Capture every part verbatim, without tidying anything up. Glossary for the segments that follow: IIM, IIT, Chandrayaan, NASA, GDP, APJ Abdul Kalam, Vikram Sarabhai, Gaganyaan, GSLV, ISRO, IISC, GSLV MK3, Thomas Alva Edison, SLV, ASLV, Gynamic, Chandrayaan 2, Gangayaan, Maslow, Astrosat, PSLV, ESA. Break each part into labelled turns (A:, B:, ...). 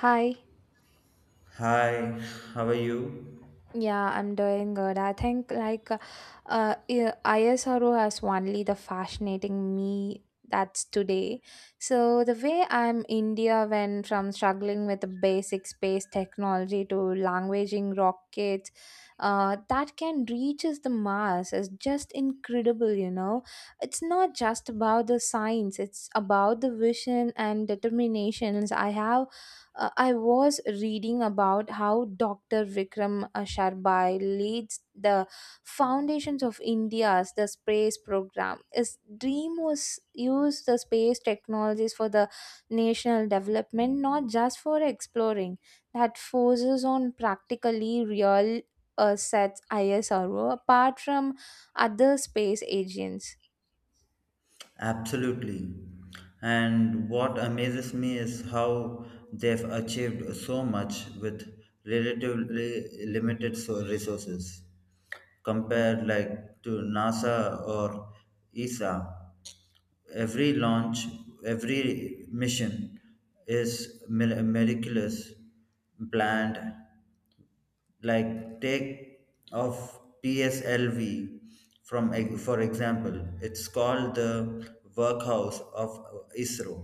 A: Hi.
B: Hi, how are you?
A: Yeah, I'm doing good. I think like uh, uh, I- ISRO has only the fascinating me that's today. So the way I'm India went from struggling with the basic space technology to languaging rockets uh, that can reaches the Mars is just incredible, you know. It's not just about the science, it's about the vision and determinations I have. Uh, I was reading about how Doctor Vikram uh, Sarabhai leads the foundations of India's the space program. His dream was use the space technologies for the national development, not just for exploring. That forces on practically real uh, sets ISRO apart from other space agents.
B: Absolutely. And what amazes me is how they've achieved so much with relatively limited so- resources compared like to NASA or E S A. Every launch, every mission is mir- miraculous, planned, like take of P S L V from ex- for example, it's called the workhouse of I S R O,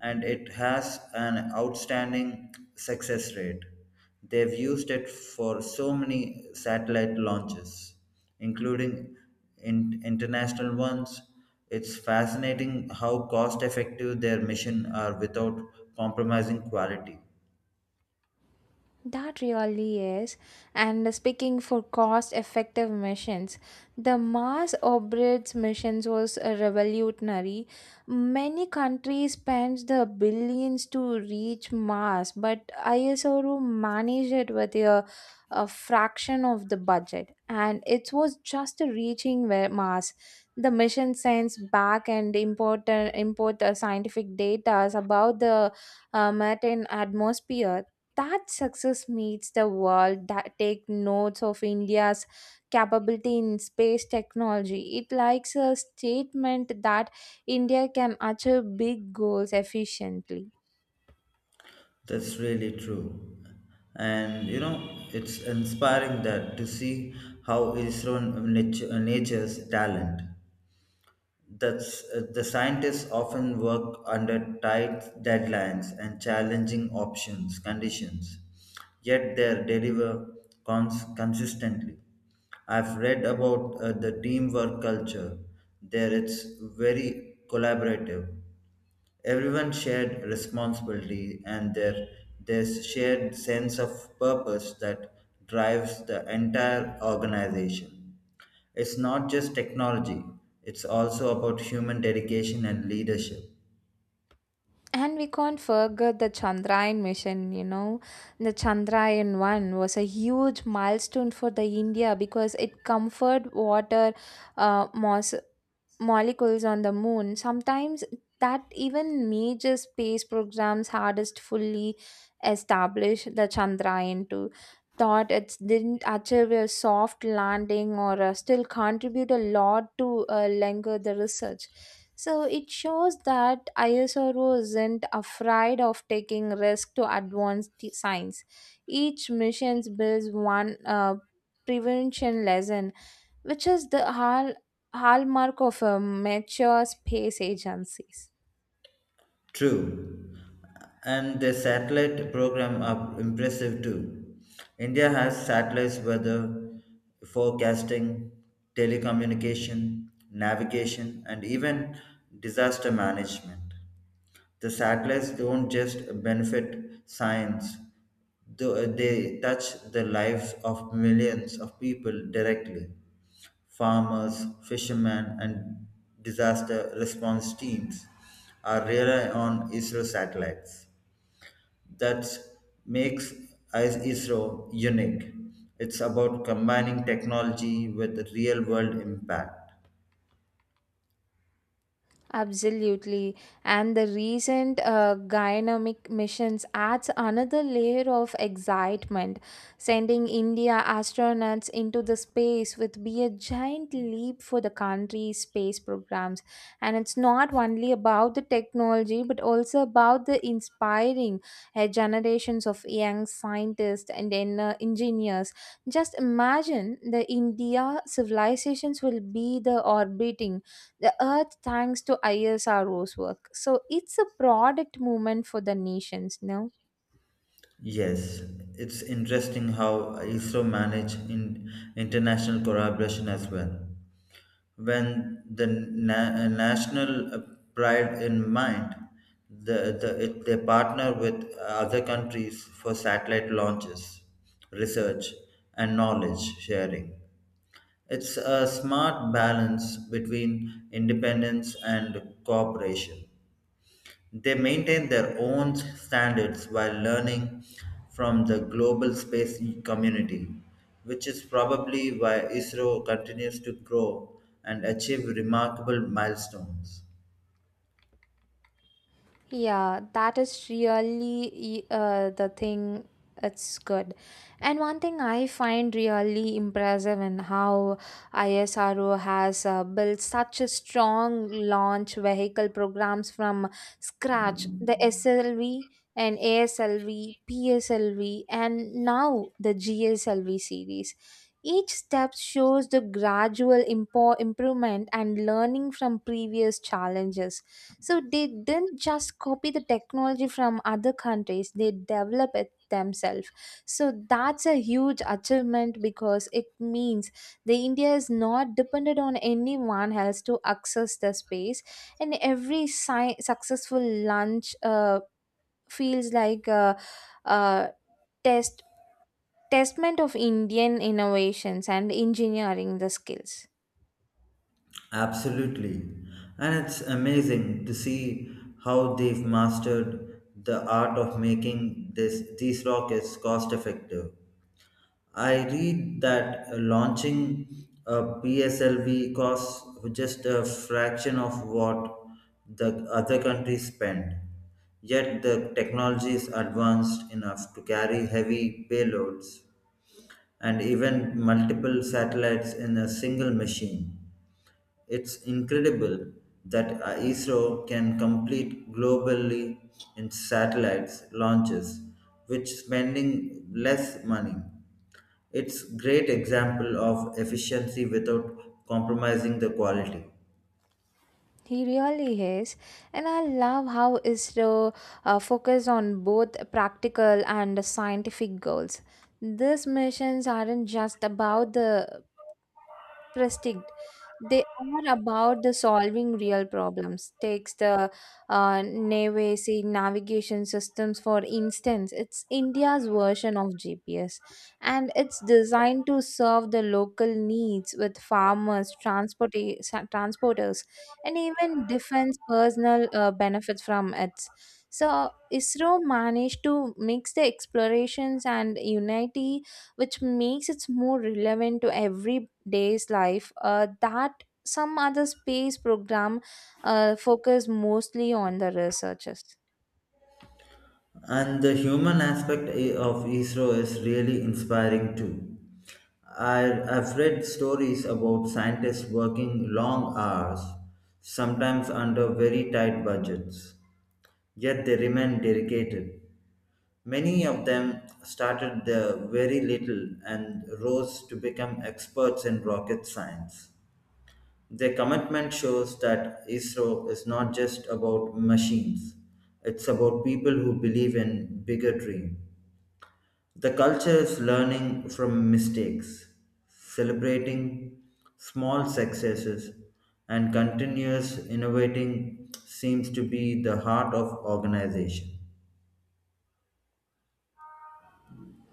B: and it has an outstanding success rate. They've used it for so many satellite launches, including in, international ones. It's fascinating how cost effective their mission are without compromising quality.
A: That really is. And speaking for cost effective missions, the Mars orbits missions was uh, revolutionary. Many countries spent the billions to reach Mars, but ISRO managed it with a, a fraction of the budget. And it was just reaching where Mars. The mission sends back and import, import uh, scientific data about the uh, Martian atmosphere. That success meets the world that take notes of India's capability in space technology. It likes a statement that India can achieve big goals efficiently.
B: That's really true. And you know, it's inspiring that to see how Isro nat- nature's talent. That's uh, the scientists often work under tight deadlines and challenging options conditions, yet they deliver cons- consistently. I've read about uh, the teamwork culture. There, it's very collaborative. Everyone shared responsibility and their this shared sense of purpose that drives the entire organization. It's not just technology, it's also about human dedication and leadership.
A: And we can't forget the Chandrayaan mission, you know. The Chandrayaan one was a huge milestone for the India because it comfort water uh, mos- molecules on the moon sometimes that even major space programs hardest fully establish. The Chandrayaan two thought it didn't achieve a soft landing, or uh, still contribute a lot to uh, linger the research. So it shows that ISRO isn't afraid of taking risk to advance the science. Each mission builds one uh, prevention lesson, which is the hall- hallmark of a mature space agencies.
B: True. And the satellite program are impressive too. India has satellites weather, forecasting, telecommunication, navigation, and even disaster management. The satellites don't just benefit science, tho- they touch the lives of millions of people directly. Farmers, fishermen, and disaster response teams are rely on I S R O satellites. That makes I- ISRO unique. It's about combining technology with real world impact.
A: Absolutely. And the recent uh, Gynamic missions adds another layer of excitement. Sending India astronauts into the space would be a giant leap for the country's space programs. And it's not only about the technology, but also about the inspiring uh, generations of young scientists and then, uh, engineers. Just imagine the India civilizations will be the orbiting the earth thanks to ISRO's work. So it's a product movement for the nations now.
B: Yes, it's interesting how I S R O manage in international collaboration as well. When the na- uh, national uh, pride in mind, the, the, it, they partner with other countries for satellite launches, research, and knowledge sharing. It's a smart balance between independence and cooperation. They maintain their own standards while learning from the global space community, which is probably why I S R O continues to grow and achieve remarkable milestones.
A: Yeah, that is really e, uh, the thing. It's good. And one thing I find really impressive in how ISRO has uh, built such a strong launch vehicle programs from scratch, the S L V and A S L V, P S L V, and now the G S L V series. Each step shows the gradual impo- improvement and learning from previous challenges, so they didn't just copy the technology from other countries, they develop it themselves. So that's a huge achievement because it means the India is not dependent on anyone else to access the space. And every sci- successful launch uh, feels like a, a test testament of Indian innovations and engineering the skills.
B: Absolutely. And it's amazing to see how they've mastered the art of making this, these rockets cost effective. I read that uh, launching a P S L V costs just a fraction of what the other countries spend. Yet the technology is advanced enough to carry heavy payloads and even multiple satellites in a single machine. It's incredible that a I S R O can complete globally in satellites launches, which spending less money. It's great example of efficiency without compromising the quality.
A: He really is, and I love how is the uh, focus on both practical and scientific goals. These missions aren't just about the prestige, they are about the solving real problems takes the uh, navy navigation systems, for instance. It's India's version of G P S, and it's designed to serve the local needs with farmers, transport transporters, and even defense personnel uh, benefits from it. So ISRO managed to mix the explorations and unity, which makes it more relevant to everyday's life uh, that some other space program uh, focus mostly on the researchers.
B: And the human aspect i- of I S R O is really inspiring too. I, I've read stories about scientists working long hours, sometimes under very tight budgets, yet they remain dedicated. Many of them started their very little and rose to become experts in rocket science. Their commitment shows that I S R O is not just about machines, it's about people who believe in bigger dream. The culture is learning from mistakes, celebrating small successes, and continuous innovating seems to be the heart of organization.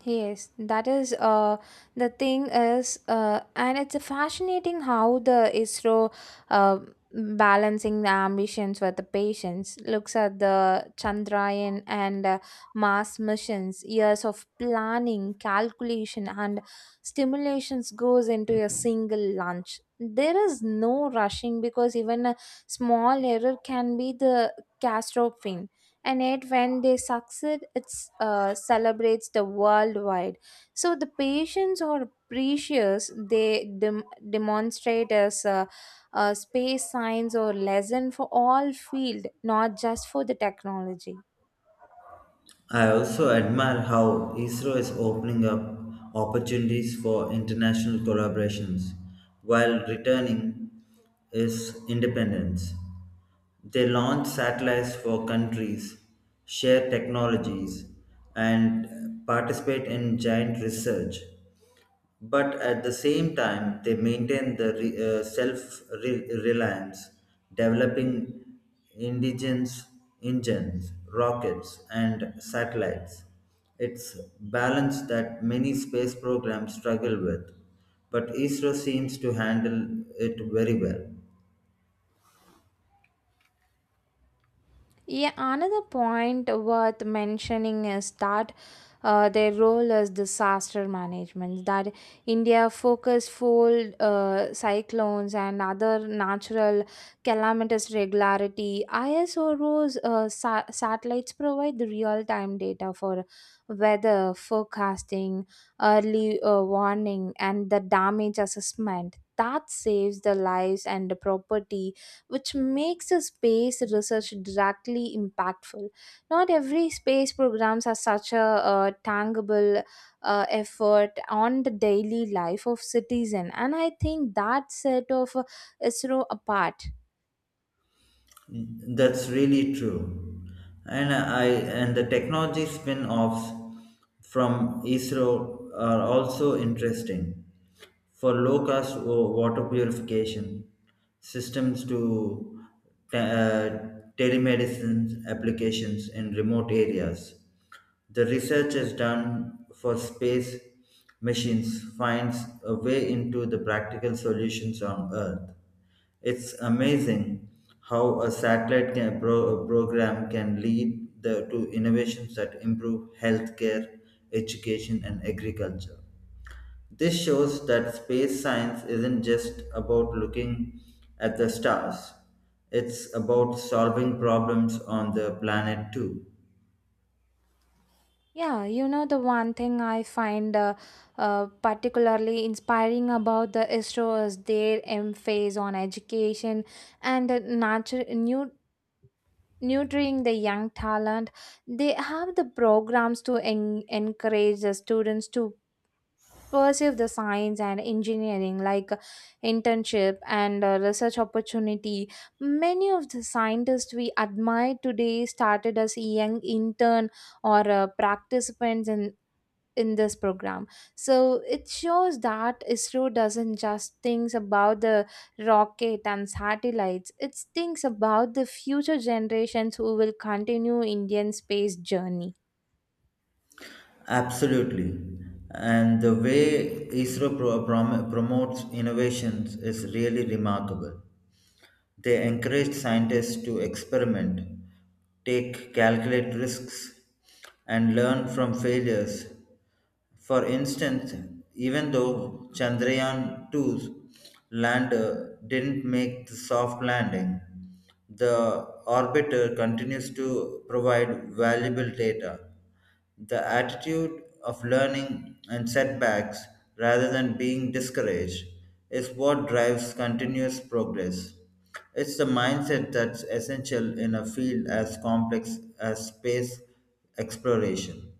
A: Yes, that is uh, the thing is, uh, and it's fascinating how the ISRO uh, balancing the ambitions with the patience looks at the Chandrayaan and uh, Mars missions. Years of planning, calculation, and stimulations goes into a single launch. There is no rushing because even a small error can be the catastrophe, and yet when they succeed it uh, celebrates the worldwide. So the patients are precious, they dem- demonstrate as uh, uh, space science or lesson for all field, not just for the technology.
B: I also admire how I S R O is opening up opportunities for international collaborations while returning its independence. They launch satellites for countries, share technologies, and participate in giant research, but at the same time they maintain the re- uh, self re- reliance, developing indigenous engines, rockets, and satellites. It's balance that many space programs struggle with, but isro seems to handle it very well.
A: Yeah, another point worth mentioning is that uh, their role as disaster management. That India focus full uh, cyclones and other natural calamitous regularity. ISRO's uh, sa- satellites provide the real-time data for weather forecasting, early uh, warning, and the damage assessment. That saves the lives and the property, which makes the space research directly impactful. Not every space programs are such a, uh, tangible uh, effort on the daily life of citizen, and I think that set of uh, ISRO apart.
B: That's really true. And I and the technology spin-offs from I S R O are also interesting for low-cost wa- water purification systems to te- uh, telemedicine applications in remote areas. The research is done for space missions finds a way into the practical solutions on Earth. It's amazing how a satellite can, pro- program can lead the, to innovations that improve healthcare, education, and agriculture. This shows that space science isn't just about looking at the stars, it's about solving problems on the planet too.
A: Yeah, you know the one thing I find uh, uh, particularly inspiring about the ISRO is their emphasis on education and uh, nurture, new nurturing the young talent. They have the programs to en- encourage the students to pursue the science and engineering, like uh, internship and uh, research opportunity. Many of the scientists we admire today started as young intern or uh, participants in in this program. So it shows that ISRO doesn't just thinks about the rocket and satellites, it thinks about the future generations who will continue Indian space journey.
B: Absolutely. And the way I S R O pro- prom- promotes innovations is really remarkable. They encourage scientists to experiment, take calculate risks, and learn from failures. For instance, even though Chandrayaan two's lander didn't make the soft landing, the orbiter continues to provide valuable data. The attitude of learning and setbacks rather than being discouraged is what drives continuous progress. It's the mindset that's essential in a field as complex as space exploration.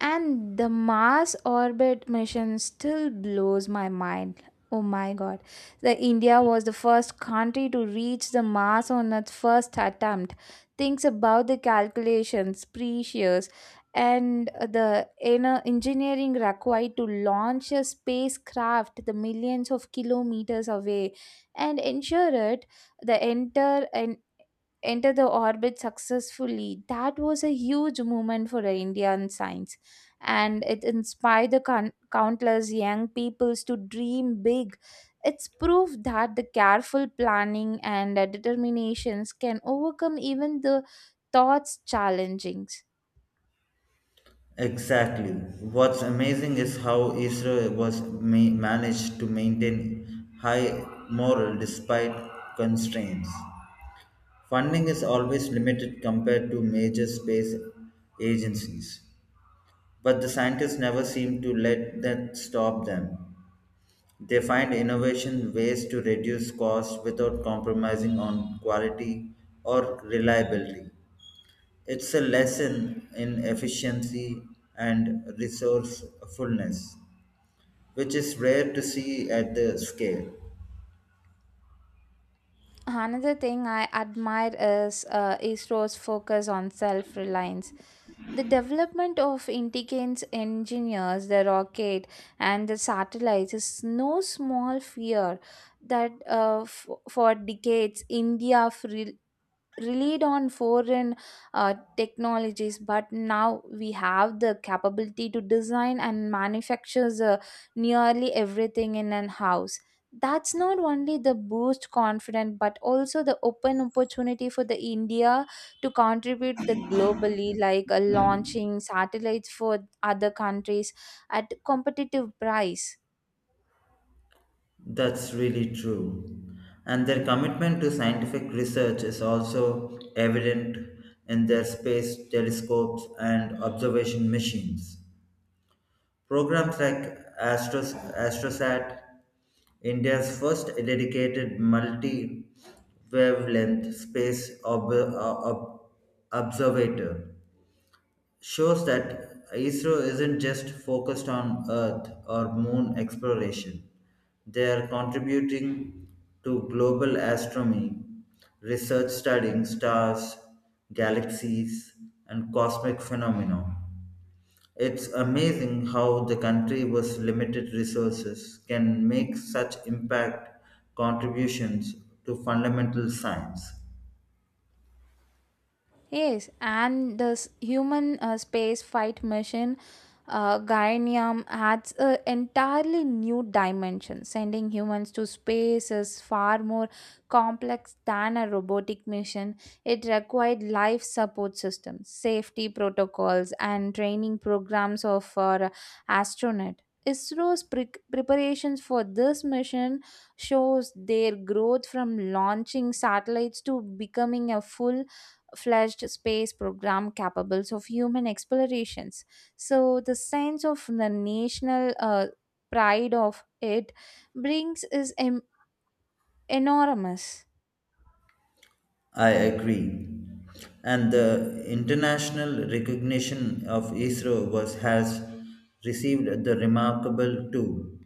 A: And the Mars orbit mission still blows my mind. Oh my god. The India was the first country to reach the Mars on its first attempt. Thinks about the calculations, precious, and the inner engineering required to launch a spacecraft the millions of kilometers away and ensure it the enter an enter the orbit successfully. That was a huge moment for Indian science, and it inspired the coun- countless young peoples to dream big. It's proof that the careful planning and uh, determinations can overcome even the thoughts challenging.
B: Exactly. What's amazing is how Israel was ma- managed to maintain high morale despite constraints. Funding is always limited compared to major space agencies, but the scientists never seem to let that stop them. They find innovation ways to reduce costs without compromising on quality or reliability. It's a lesson in efficiency and resourcefulness, which is rare to see at the scale.
A: Another thing I admire is uh, ISRO's focus on self reliance. The development of intelligence engineers, the rocket, and the satellites is no small fear. That uh, f- for decades India fre- relied on foreign uh, technologies, but now we have the capability to design and manufacture uh, nearly everything in an house. That's not only the boost confidence but also the open opportunity for the India to contribute the globally, like uh, launching satellites for other countries at competitive price.
B: That's really true. And their commitment to scientific research is also evident in their space telescopes and observation machines. Programs like Astros, Astrosat, India's first dedicated multi wavelength space ob- ob- observator, shows that I S R O isn't just focused on Earth or Moon exploration. They are contributing to global astronomy, research studying stars, galaxies, and cosmic phenomena. It's amazing how the country with limited resources can make such impact contributions to fundamental science.
A: Yes, and the s- human uh, space flight mission uh, Guyanium adds an entirely new dimension. Sending humans to space is far more complex than a robotic mission. It required life support systems, safety protocols, and training programs of for astronaut. ISRO's pre- preparations for this mission shows their growth from launching satellites to becoming a full fledged space program capable of human explorations. So the sense of the national uh, pride of it brings is em- enormous.
B: I agree. And the international recognition of I S R O was, has received the remarkable too.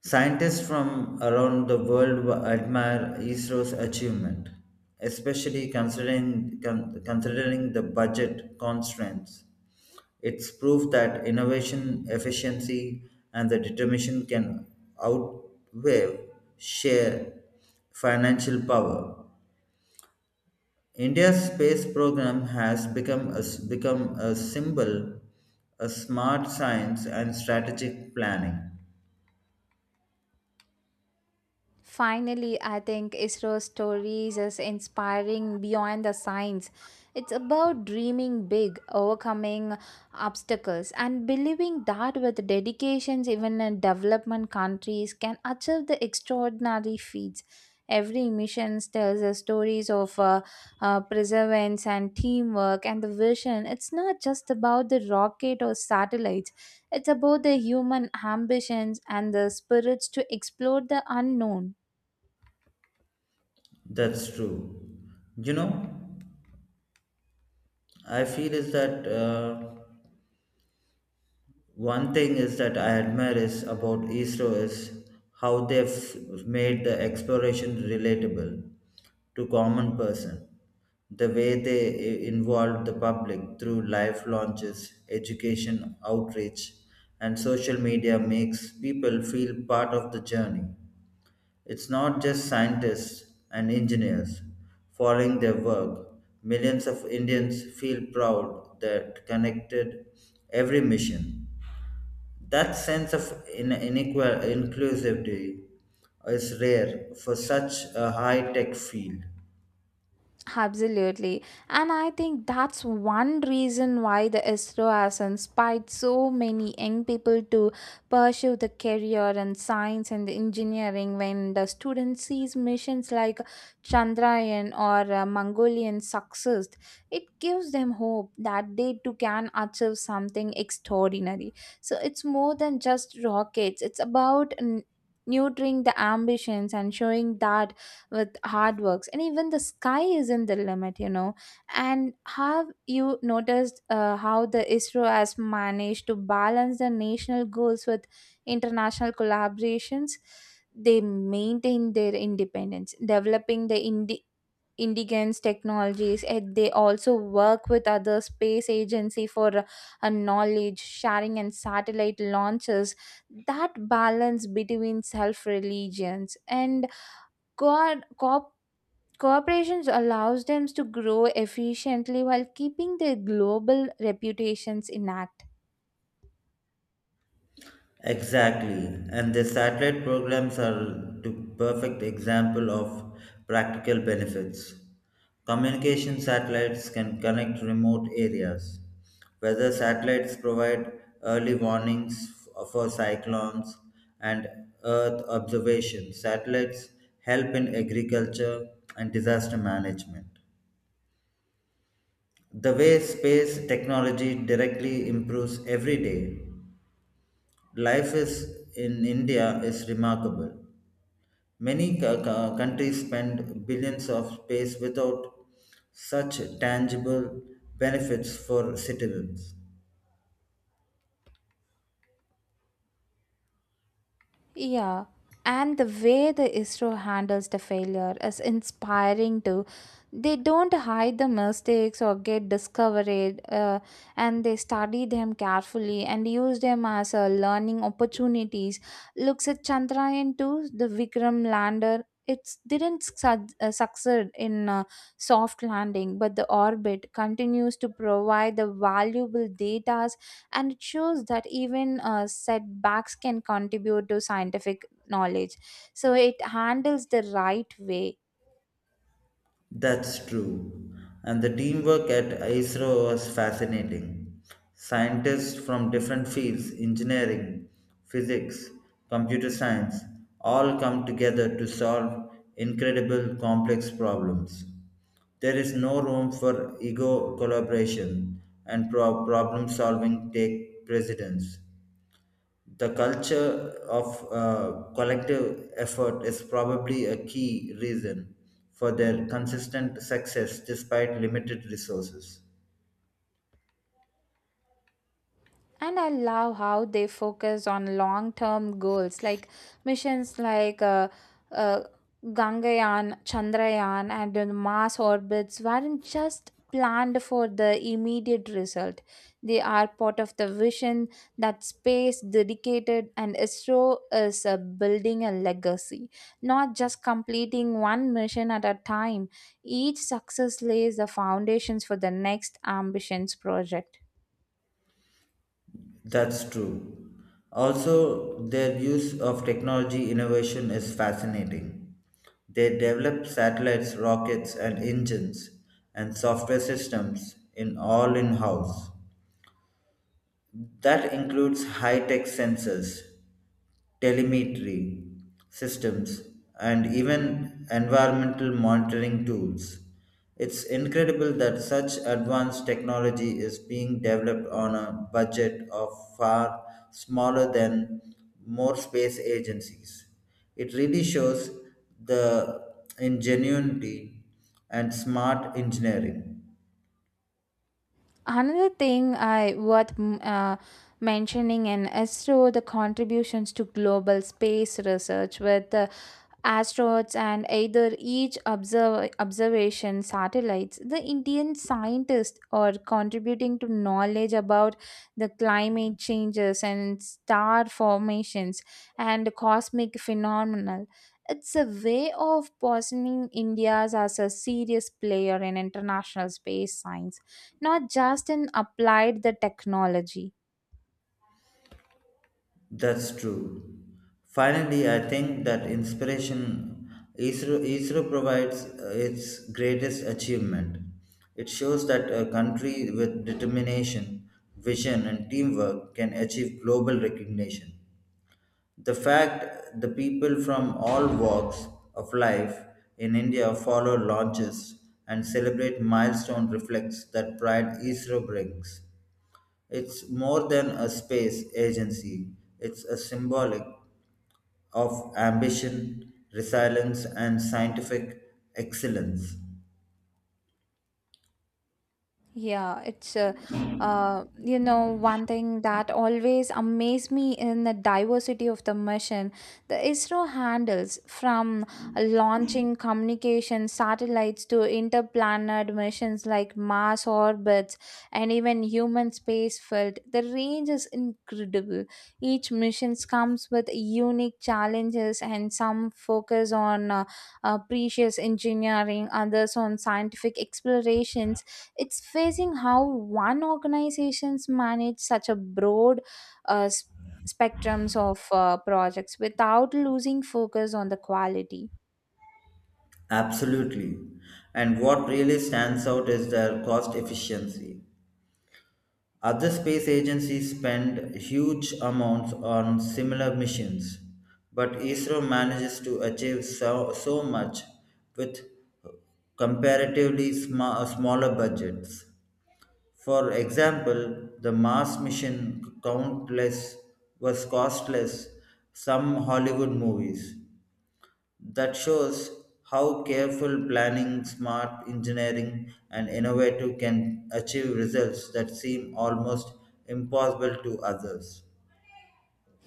B: Scientists from around the world wa- admire I S R O's achievement, especially considering, con- considering the budget constraints. It's proof that innovation, efficiency, and the determination can outweigh sheer financial power. India's space program has become a, s- become a symbol a smart science and strategic planning.
A: Finally, I think ISRO's stories is inspiring beyond the science. It's about dreaming big, overcoming obstacles, and believing that with dedications, even in development countries can achieve the extraordinary feats. Every mission tells the stories of uh, uh, perseverance and teamwork and the vision. It's not just about the rocket or satellites. It's about the human ambitions and the spirits to explore the unknown.
B: That's true. You know, I feel is that. Uh, One thing is that I admire is about I S R O is how they've made the exploration relatable to common person. The way they i- involve the public through live launches, education, outreach, and social media makes people feel part of the journey. It's not just scientists and engineers following their work. Millions of Indians feel proud that connected every mission. That sense of in- inequal inclusivity is rare for such a high tech field.
A: Absolutely. And I think that's one reason why the ISRO has inspired so many young people to pursue the career in science and engineering. When the student sees missions like Chandrayaan or uh, Mongolian success, it gives them hope that they too can achieve something extraordinary. So it's more than just rockets, it's about n- nurturing the ambitions and showing that with hard works, and even the sky isn't the limit, you know. And have you noticed uh, how the ISRO has managed to balance the national goals with international collaborations? They maintain their independence, developing the indi- indigenous technologies, and they also work with other space agency for uh, a knowledge sharing and satellite launches. That balance between self religions and co- co- Corporations allows them to grow efficiently while keeping their global reputations intact.
B: Exactly, and the satellite programs are the perfect example of practical benefits. Communication satellites can connect remote areas. Weather satellites provide early warnings f- for cyclones and Earth observation. Satellites help in agriculture and disaster management. The way space technology directly improves every day life is in India is remarkable. Many co- co- countries spend billions of space without such tangible benefits for citizens.
A: Yeah, and the way the ISRO handles the failure is inspiring too. They don't hide the mistakes or get discouraged, uh, and they study them carefully and use them as uh, learning opportunities. Looks at Chandrayaan two, the Vikram lander. It didn't su- uh, succeed in uh, soft landing, but the orbit continues to provide the valuable data, and it shows that even uh, setbacks can contribute to scientific knowledge. So it handles the right way.
B: That's true. And the teamwork at I S R O was fascinating. Scientists from different fields, engineering, physics, computer science, all come together to solve incredible complex problems. There is no room for ego collaboration, and pro- problem solving take precedence. The culture of uh, collective effort is probably a key reason for their consistent success despite limited resources.
A: And I love how they focus on long term goals, like missions like uh, uh, Gangayaan, Chandrayaan, and the Mars orbits weren't just planned for the immediate result. They are part of the vision that space dedicated, and ISRO is uh, building a legacy, not just completing one mission at a time. Each success lays the foundations for the next ambitions project.
B: That's true. Also, their use of technology innovation is fascinating. They develop satellites, rockets, and engines and software systems in all in house. That includes high tech sensors, telemetry systems, and even environmental monitoring tools. It's incredible that such advanced technology is being developed on a budget of far smaller than more space agencies. It really shows the ingenuity and smart engineering.
A: Another thing I worth mm, uh, mentioning in ISRO the contributions to global space research with uh, astronauts and either each observ- observation satellites. The Indian scientists are contributing to knowledge about the climate changes and star formations and cosmic phenomena. It's a way of positioning India as a serious player in international space science, not just in applied the technology.
B: That's true. Finally, I think that inspiration I S R O I S R O provides uh, its greatest achievement. It shows that a country with determination, vision, and teamwork can achieve global recognition. The fact the people from all walks of life in India follow launches and celebrate milestone reflects that pride I S R O brings. It's more than a space agency, it's a symbolic of ambition, resilience, and scientific excellence.
A: Yeah, it's uh, uh, you know, one thing that always amazed me in the diversity of the mission. The ISRO handles from launching communication satellites to interplanet missions like Mars orbits and even human space flight. The range is incredible. Each mission comes with unique challenges, and some focus on uh, uh, precious engineering, others on scientific exploration. It's facing how one organizations manage such a broad uh, s- spectrums of uh, projects without losing focus on the quality.
B: Absolutely. And what really stands out is their cost efficiency. Other space agencies spend huge amounts on similar missions, but I S R O manages to achieve so, so much with comparatively sma- smaller budgets. For example, the Mars mission countless was costless some Hollywood movies. That shows how careful planning, smart engineering, and innovative can achieve results that seem almost impossible to others.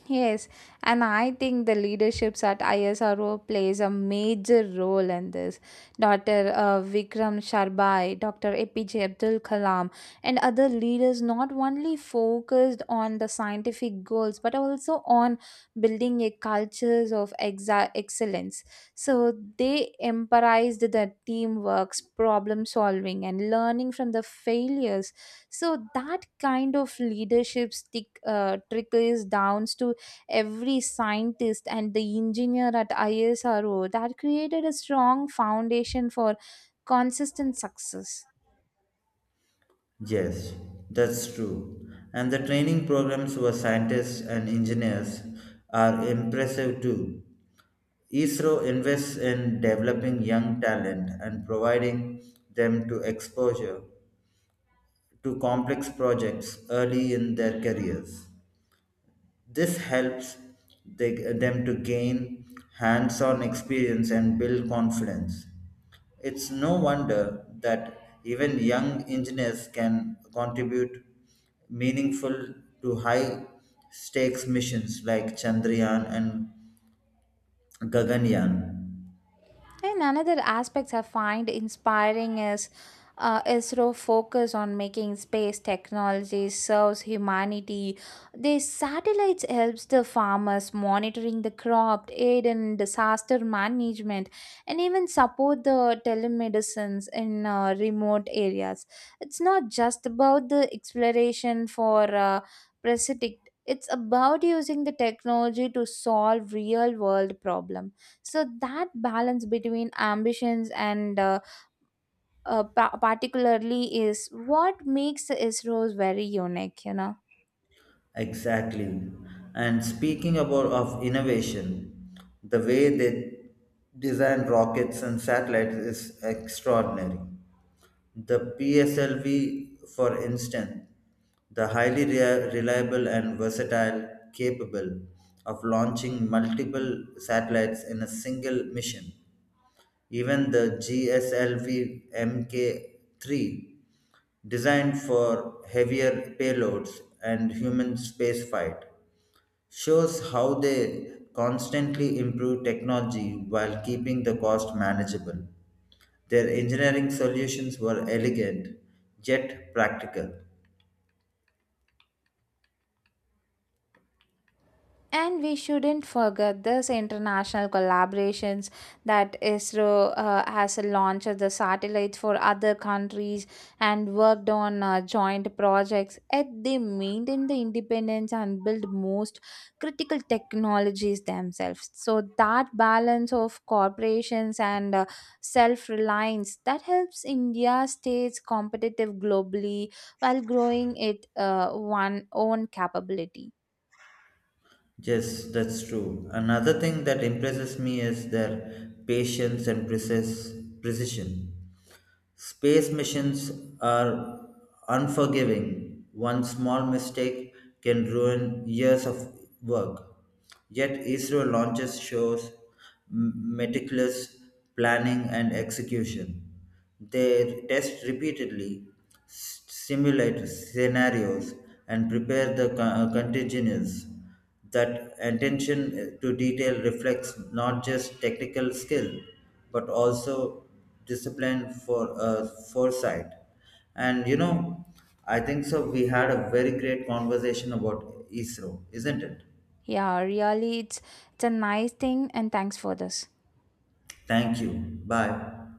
A: Yes, and I think the leaderships at ISRO plays a major role in this. Doctor Uh, Vikram Sharbai, Doctor A P J Abdul Kalam, and other leaders not only focused on the scientific goals but also on building a cultures of exa- excellence. So they emphasized the teamwork, problem solving, and learning from the failures, so that kind of leadership stick uh, trickles down to every scientist and the engineer at ISRO that created a strong foundation for consistent success.
B: Yes, that's true. And the training programs for scientists and engineers are impressive too. I S R O invests in developing young talent and providing them to exposure to complex projects early in their careers. This helps they- them to gain hands on experience and build confidence. It's no wonder that even young engineers can contribute meaningful to high stakes missions like Chandrayaan and Gaganyaan.
A: And another aspects I find inspiring is uh, ISRO focus on making space technology serves humanity. These satellites helps the farmers monitoring the crop, aid in disaster management, and even support the telemedicines in uh, remote areas. It's not just about the exploration for uh, precipitate. It's about using the technology to solve real world problems. So that balance between ambitions and uh, uh, pa- particularly is what makes the ISROs very unique, you know.
B: Exactly. And speaking about of innovation, the way they design rockets and satellites is extraordinary. The P S L V, for instance, the highly rea- reliable and versatile, capable of launching multiple satellites in a single mission. Even the G S L V M K three, designed for heavier payloads and human spaceflight, shows how they constantly improve technology while keeping the cost manageable. Their engineering solutions were elegant yet practical.
A: And we shouldn't forget this international collaborations that ISRO uh, has launched the satellites for other countries and worked on uh, joint projects. Yet they maintain the independence and build most critical technologies themselves. So that balance of corporations and uh, self-reliance that helps India stays competitive globally while growing it uh, one own capability.
B: Yes, that's true. Another thing that impresses me is their patience and precis- precision. Space missions are unforgiving. One small mistake can ruin years of work. Yet Israel launches shows m- meticulous planning and execution. They test repeatedly, s- simulate scenarios, and prepare the co- contingencies. That attention uh, to detail reflects not just technical skill, but also discipline for uh, foresight. And you know, I think so. We had a very great conversation about I S R O, isn't it?
A: Yeah, really, it's it's a nice thing, and thanks for this.
B: Thank you. Bye.